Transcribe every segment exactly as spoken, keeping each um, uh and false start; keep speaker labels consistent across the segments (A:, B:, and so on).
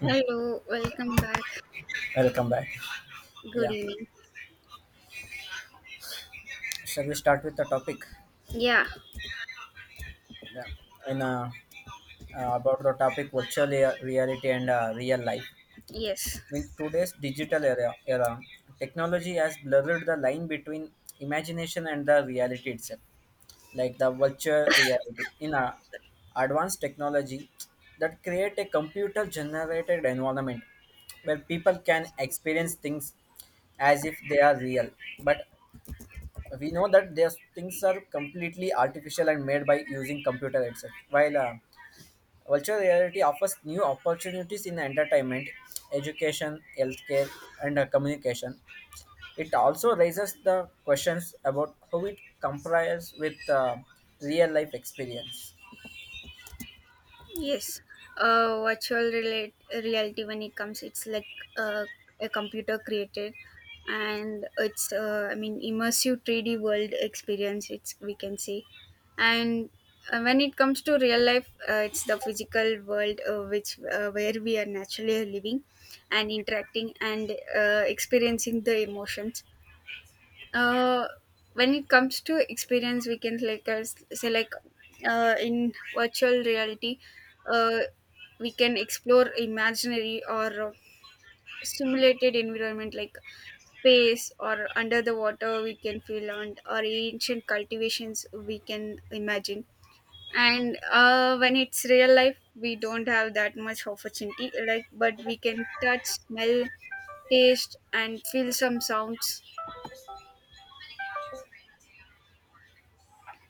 A: Hello, welcome back.
B: Welcome back. Yeah,
A: Good evening.
B: shall we start with the topic?
A: Yeah,
B: Yeah, in uh, uh, about the topic virtual rea- reality and uh, real life.
A: yes,
B: In today's digital era, era, technology has blurred the line between imagination and the reality itself. Like the virtual reality in a advanced technology that create a computer-generated environment where people can experience things as if they are real. But we know that these things are completely artificial and made by using computer itself while uh, virtual reality offers new opportunities in entertainment education healthcare and uh, communication. It also raises the questions about how it compares with uh, real life experience.
A: yes. Uh, virtual relate, reality when it comes, it's like uh, a computer created, and it's uh, I mean immersive three D world experience. It's we can say, and uh, when it comes to real life, uh, it's the physical world uh, which uh, where we are naturally living and interacting and uh, experiencing the emotions. uh, when it comes to experience we can like uh, s- say like uh, in virtual reality, uh, we can explore imaginary or uh, simulated environment like space or under the water we can feel, and or ancient cultivations we can imagine. And uh, when it's real life we don't have that much opportunity, like, but we can touch, smell, taste and feel some sounds.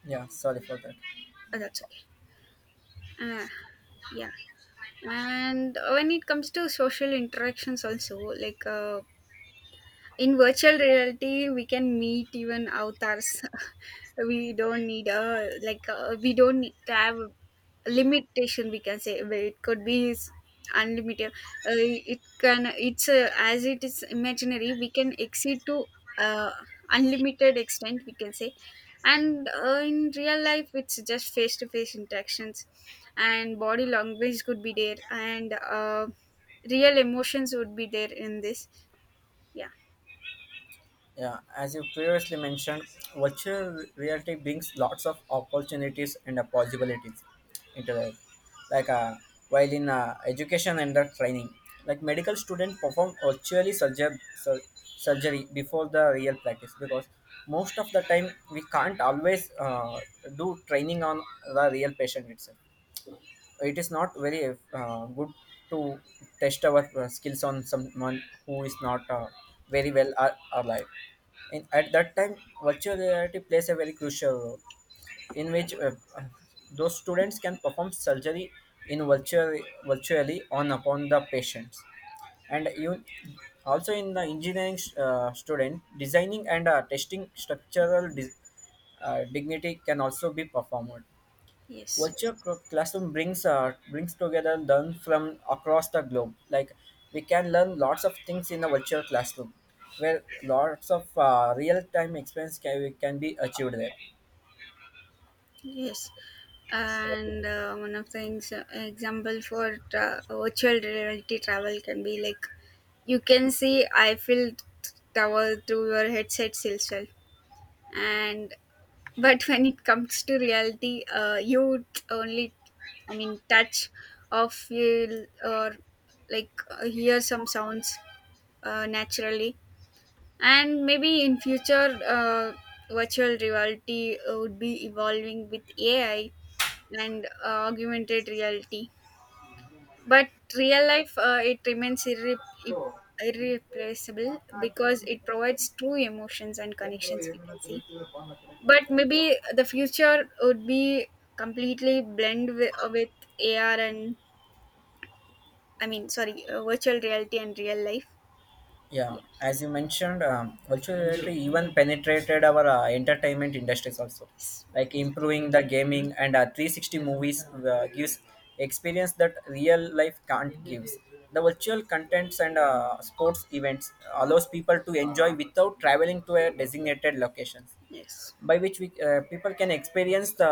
B: Yeah, sorry for that.
A: Oh, that's okay. uh, yeah, and when it comes to social interactions also like uh, in virtual reality we can meet even avatars we don't need a like uh We don't need to have a limitation, we can say, where it could be s- unlimited. Uh, it can it's uh, As it is imaginary we can exceed to, uh, unlimited extent, we can say. And uh, in real life it's just face to face interactions, and body language could be there, and uh, real emotions would be there in this. Yeah,
B: Yeah, as you previously mentioned, virtual reality brings lots of opportunities and uh, possibilities into life. Like uh, while in uh, education and uh, training, like medical students perform virtually surger- sur- surgery before the real practice, because most of the time we can't always uh, do training on the real patient itself. It is not very uh, good to test our uh, skills on someone who is not uh, very well ar- alive. In, at that time, virtual reality plays a very crucial role, in which uh, those students can perform surgery in virtual, virtually on upon the patients. And you also in the engineering uh, student designing and uh, testing structural dis- uh, dignity can also be performed.
A: yes.
B: Virtual cl- classroom brings uh, brings together learn from across the globe, like we can learn lots of things in a virtual classroom where lots of uh, real time experience can, can be achieved there.
A: Yes, and uh, one of the ex- example for tra- virtual reality travel can be like, you can see Eiffel Tower through your headsets itself. And but when it comes to reality, uh, you only I mean touch or feel or like uh, hear some sounds uh, naturally. And maybe in future uh, virtual reality uh, would be evolving with A I and uh, augmented reality. But real life, uh, it remains irre- i- irreplaceable because it provides true emotions and connections, we can see. But maybe the future would be completely blend with, with A R and, I mean, sorry, uh, virtual reality and real life.
B: Yeah,
A: Yeah,
B: as you mentioned, um, virtual Yeah. reality even penetrated our uh, entertainment industries also,
A: yes,
B: like
A: exactly.
B: improving the gaming and uh, three sixty movies uh, gives experience that real life can't gives. The virtual contents and uh, sports events allows people to enjoy without traveling to a designated locations,
A: Yes,
B: by which we uh, people can experience the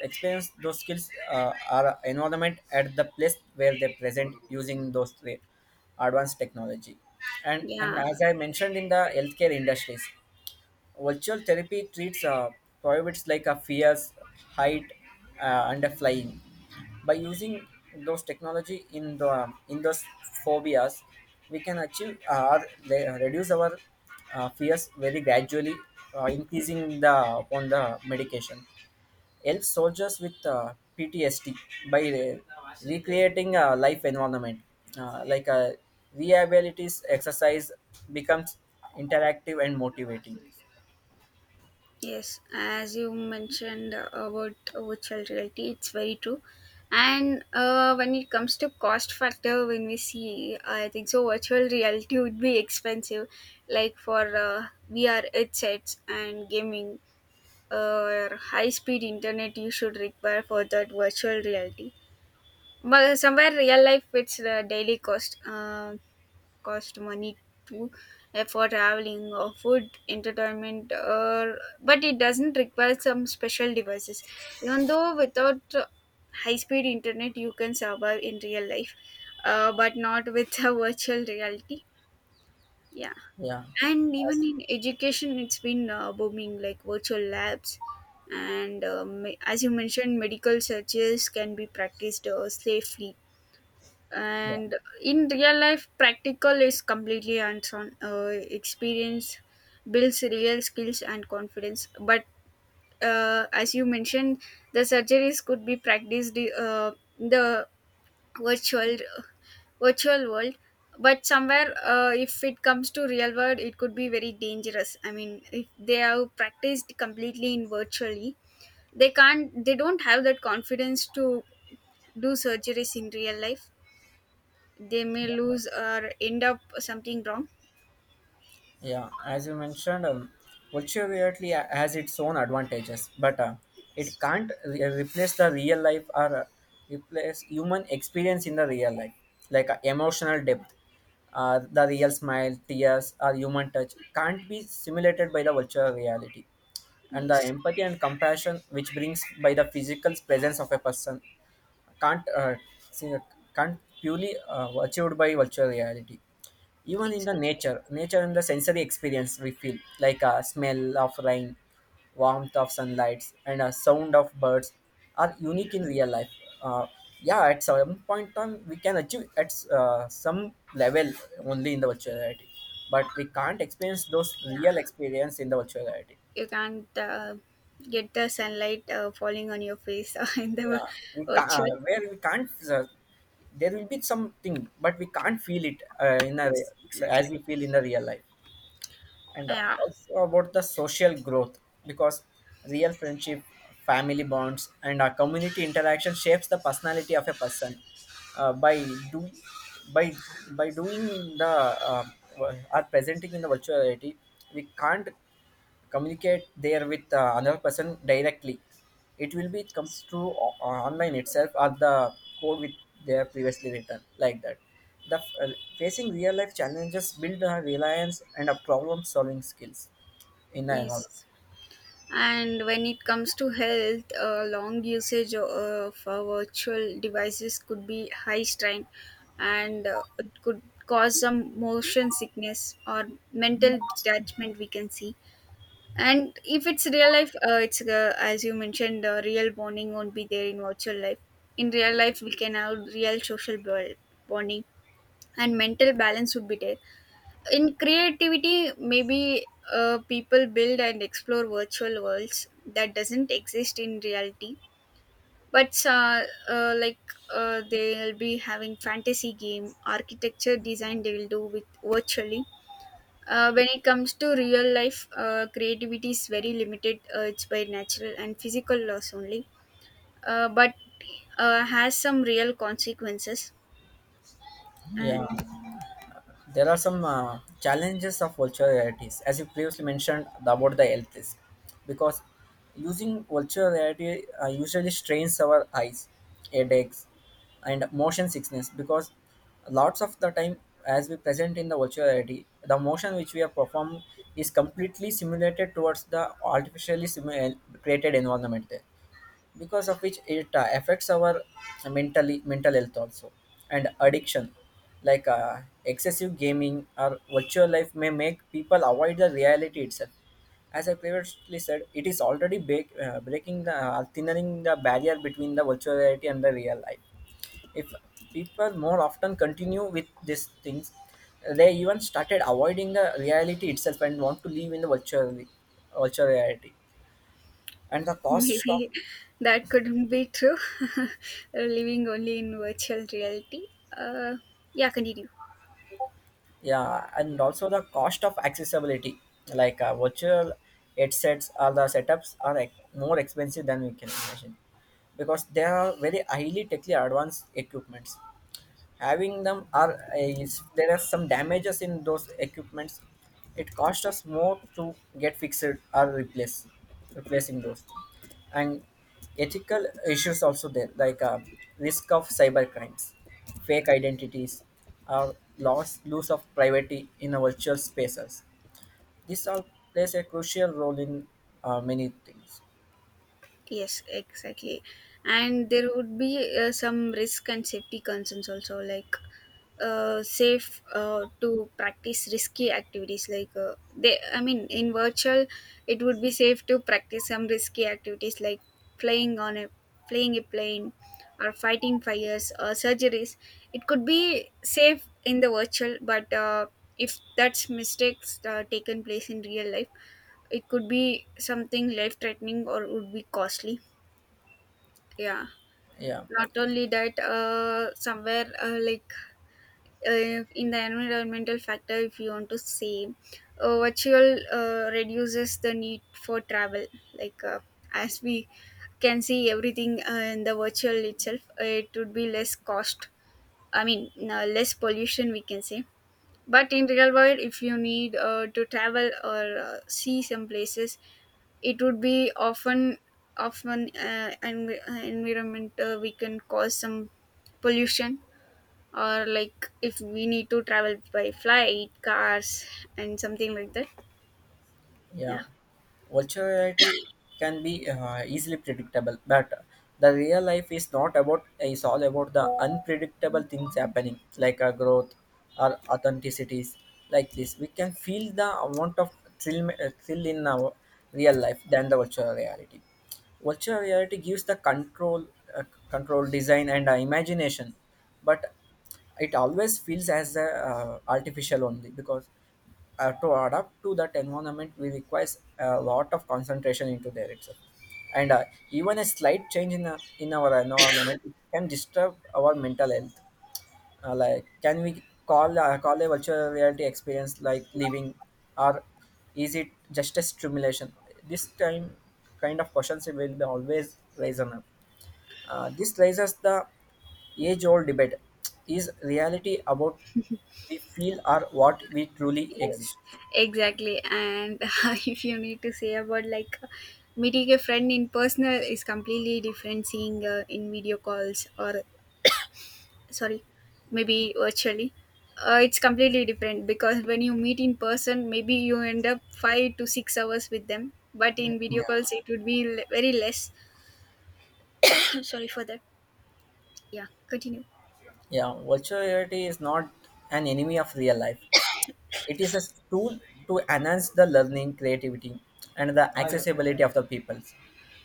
B: experience those skills uh, or environment at the place where they present using those three advanced technology. And and
A: yeah.
B: as I mentioned in the healthcare industries, virtual therapy treats uh, prohibits like a fears, height, uh, and a flying. By using those technology in the um, in those phobias, we can achieve uh, or le- reduce our uh, fears very gradually, uh, increasing the on the medication. Help soldiers with uh, P T S D by re- recreating a life environment uh, like a rehabilitation exercise becomes interactive and motivating.
A: Yes, as you mentioned about virtual reality, it's very true. And uh, when it comes to cost factor, when we see, I think so, virtual reality would be expensive, like for uh, V R headsets and gaming, uh, or high speed internet you should require for that virtual reality. But somewhere real life, it's the daily cost. Um cost money to uh, for traveling or food entertainment, or but it doesn't require some special devices, even though without high speed internet you can survive in real life, uh, but not with a virtual reality. Yeah,
B: Yeah,
A: and even
B: as
A: in education it's been uh, booming, like virtual labs. And um, as you mentioned, medical searches can be practiced uh, safely,
B: yeah,
A: and in real life practical is completely hands on, uh, experience builds real skills and confidence. But uh, as you mentioned, the surgeries could be practiced, uh, in the virtual virtual world. But somewhere, uh, if it comes to real world it could be very dangerous. I mean, if they have practiced completely in virtually, they can't, they don't have that confidence to do surgeries in real life. They may lose or end up something wrong.
B: yeah, as you mentioned, um, virtual reality has its own advantages, but uh, it can't re- replace the real life or uh, replace human experience in the real life, like uh, emotional depth. Uh, the real smile, tears, or human touch can't be simulated by the virtual reality. And the
A: Yes,
B: empathy and compassion which brings by the physical presence of a person can't uh, see, can't purely uh, achieved by virtual reality, even in the
A: exactly.
B: nature nature and the sensory experience we feel, like a smell of rain, warmth of sunlight and a sound of birds are
A: Yeah.
B: unique in real life. Uh, yeah at some point time we can achieve at uh, some level only in the virtual reality, but we can't experience those
A: Yeah,
B: real experience in the virtual reality.
A: you can't, uh, get the sunlight uh, falling on your face in the
B: Yeah, we ca- uh,
A: virtual.
B: where we can't. Uh, there will be something, but we can't feel it uh, in a re-
A: Yes, exactly.
B: as we feel in the real life. And
A: Yeah,
B: also about the social growth, because real friendship, family bonds, and our community interaction shapes the personality of a person. Uh, by do by by doing the uh, or presenting in the virtual reality, we can't communicate there with uh, another person directly. It will be come through o- online itself or the code with their previously written like that. The f- uh, facing real life challenges build a reliance and a problem solving skills in the environment.
A: yes, and when it comes to health, uh, long usage uh, of uh, virtual devices could be high strain, and uh, it could cause some motion sickness or mental detachment, we can see. And if it's real life, uh, it's, uh, as you mentioned, uh, real bonding won't be there in virtual life. In real life, we can have real social bo- bonding, and mental balance would be there. In creativity, maybe uh, people build and explore virtual worlds that doesn't exist in reality. But uh, uh, like, uh, they'll be having fantasy game architecture design, they will do with virtually. Uh, when it comes to real life, uh, creativity is very limited. Uh, it's by natural and physical loss only, uh, but uh, has some real consequences, and
B: Yeah. There are some uh, challenges of virtual realities, as you previously mentioned about the health risk, because using virtual reality uh, usually strains our eyes, headaches, and motion sickness. Because lots of the time, as we present in the virtual reality, the motion which we have performed is completely simulated towards the artificially simu- created environment there, because of which it uh, affects our mentally mental health also, and addiction, like uh, excessive gaming or virtual life may make people avoid the reality itself. As I previously said, it is already break, uh, breaking the uh, thinning the barrier between the virtual reality and the real life. If people more often continue with these things, they even started avoiding the reality itself and want to live in the virtual virtual reality. And the cost of,
A: maybe that couldn't be true. Living only in virtual reality. Uh, yeah, continue.
B: yeah, and also the cost of accessibility, like uh, virtual headsets or the setups are like, more expensive than we can imagine, because they are very highly technically advanced equipments. Having them are uh, is there are some damages in those equipments, it costs us more to get fixed or replace replacing those. And ethical issues also there, like uh, risk of cyber crimes, fake identities, or loss loss of privacy in our virtual spaces. This all plays a crucial role in uh, many things.
A: Yes, exactly. And there would be uh, some risk and safety concerns also, like, uh, safe, uh, to practice risky activities. Like uh, they, I mean, in virtual, it would be safe to practice some risky activities, like flying on a, flying a plane, or fighting fires or surgeries. It could be safe in the virtual, but uh, if that's mistakes uh, taken place in real life, it could be something life threatening or would be costly. Yeah,
B: Yeah.
A: not only that, uh, somewhere, uh, like, uh, in the environmental factor, if you want to say, uh, virtual, uh, reduces the need for travel. Like, uh, as we can see everything uh, in the virtual itself, uh, it would be less cost. I mean, uh, less pollution, we can say. But in real world, if you need, uh, to travel or uh, see some places, it would be often often uh, env- uh, environment, uh, we can cause some pollution, or like if we need to travel by flight, cars, and something like that. Yeah.
B: Yeah, virtual reality can be uh, easily predictable, but the real life is not about is all about the unpredictable things happening, like a growth or authenticities like this. We can feel the amount of thrill, uh, thrill in our real life than the virtual reality. Virtual reality gives the control, uh, control design and uh, imagination, but it always feels as a, uh, artificial only, because uh, to adapt to that environment we requires a lot of concentration into there itself. And uh, even a slight change in, uh, in our environment can disturb our mental health. Uh, like can we call uh, call a virtual reality experience like living, or is it just a stimulation this time? Kind of questions will be always raised on up. uh, this raises the age old debate: is reality about we feel or what we truly
A: Yes,
B: exist?
A: exactly. And if you need to say about, like, uh, meeting a friend in personal is completely different, seeing, uh, in video calls or, sorry, maybe virtually, uh, it's completely different, because when you meet in person maybe you end up five to six hours with them, but in video calls
B: Yeah,
A: it would be le- very less. Sorry for that. Yeah, continue.
B: yeah. Virtual reality is not an enemy of real life. It is a tool to enhance the learning, creativity, and the accessibility of the peoples.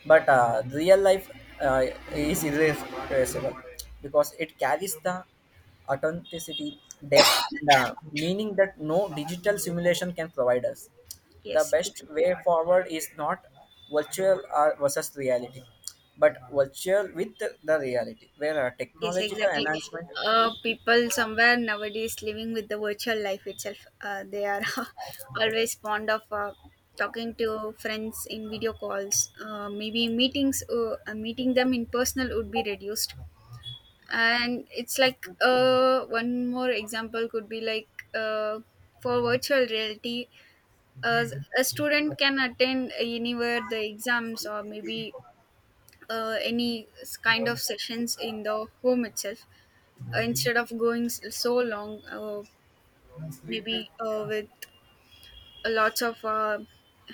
B: But uh, real life uh, is irreplaceable, because it carries the authenticity, depth, and uh, meaning that no digital simulation can provide us. The
A: Yes,
B: best
A: exactly.
B: way forward is not virtual or versus reality, but virtual with the reality, where a
A: Yes,
B: technological
A: exactly.
B: enhancement.
A: Uh, people somewhere nowadays living with the virtual life itself, uh, they are always fond of, uh, talking to friends in video calls, uh, maybe meetings uh, uh, meeting them in personal would be reduced. And it's like, uh, one more example could be like, uh, for virtual reality, uh, a student can attend anywhere the exams, or maybe uh, any s- kind of sessions in the home itself, uh, instead of going s- so long, uh, maybe uh, with lots of uh,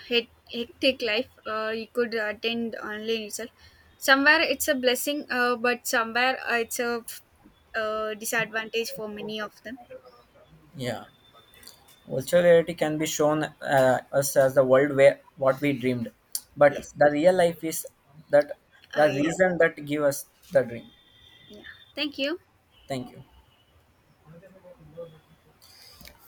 A: hec- hectic life, uh, you could attend online itself. Somewhere it's a blessing, uh, but somewhere, uh, it's a, uh, disadvantage for many of them. Yeah.
B: Yeah. Virtual reality can be shown uh, us as the world where what we dreamed, but
A: Yes.
B: the real life is that
A: Uh,
B: the
A: yeah,
B: reason that give us the dream.
A: yeah, thank you.
B: Thank you.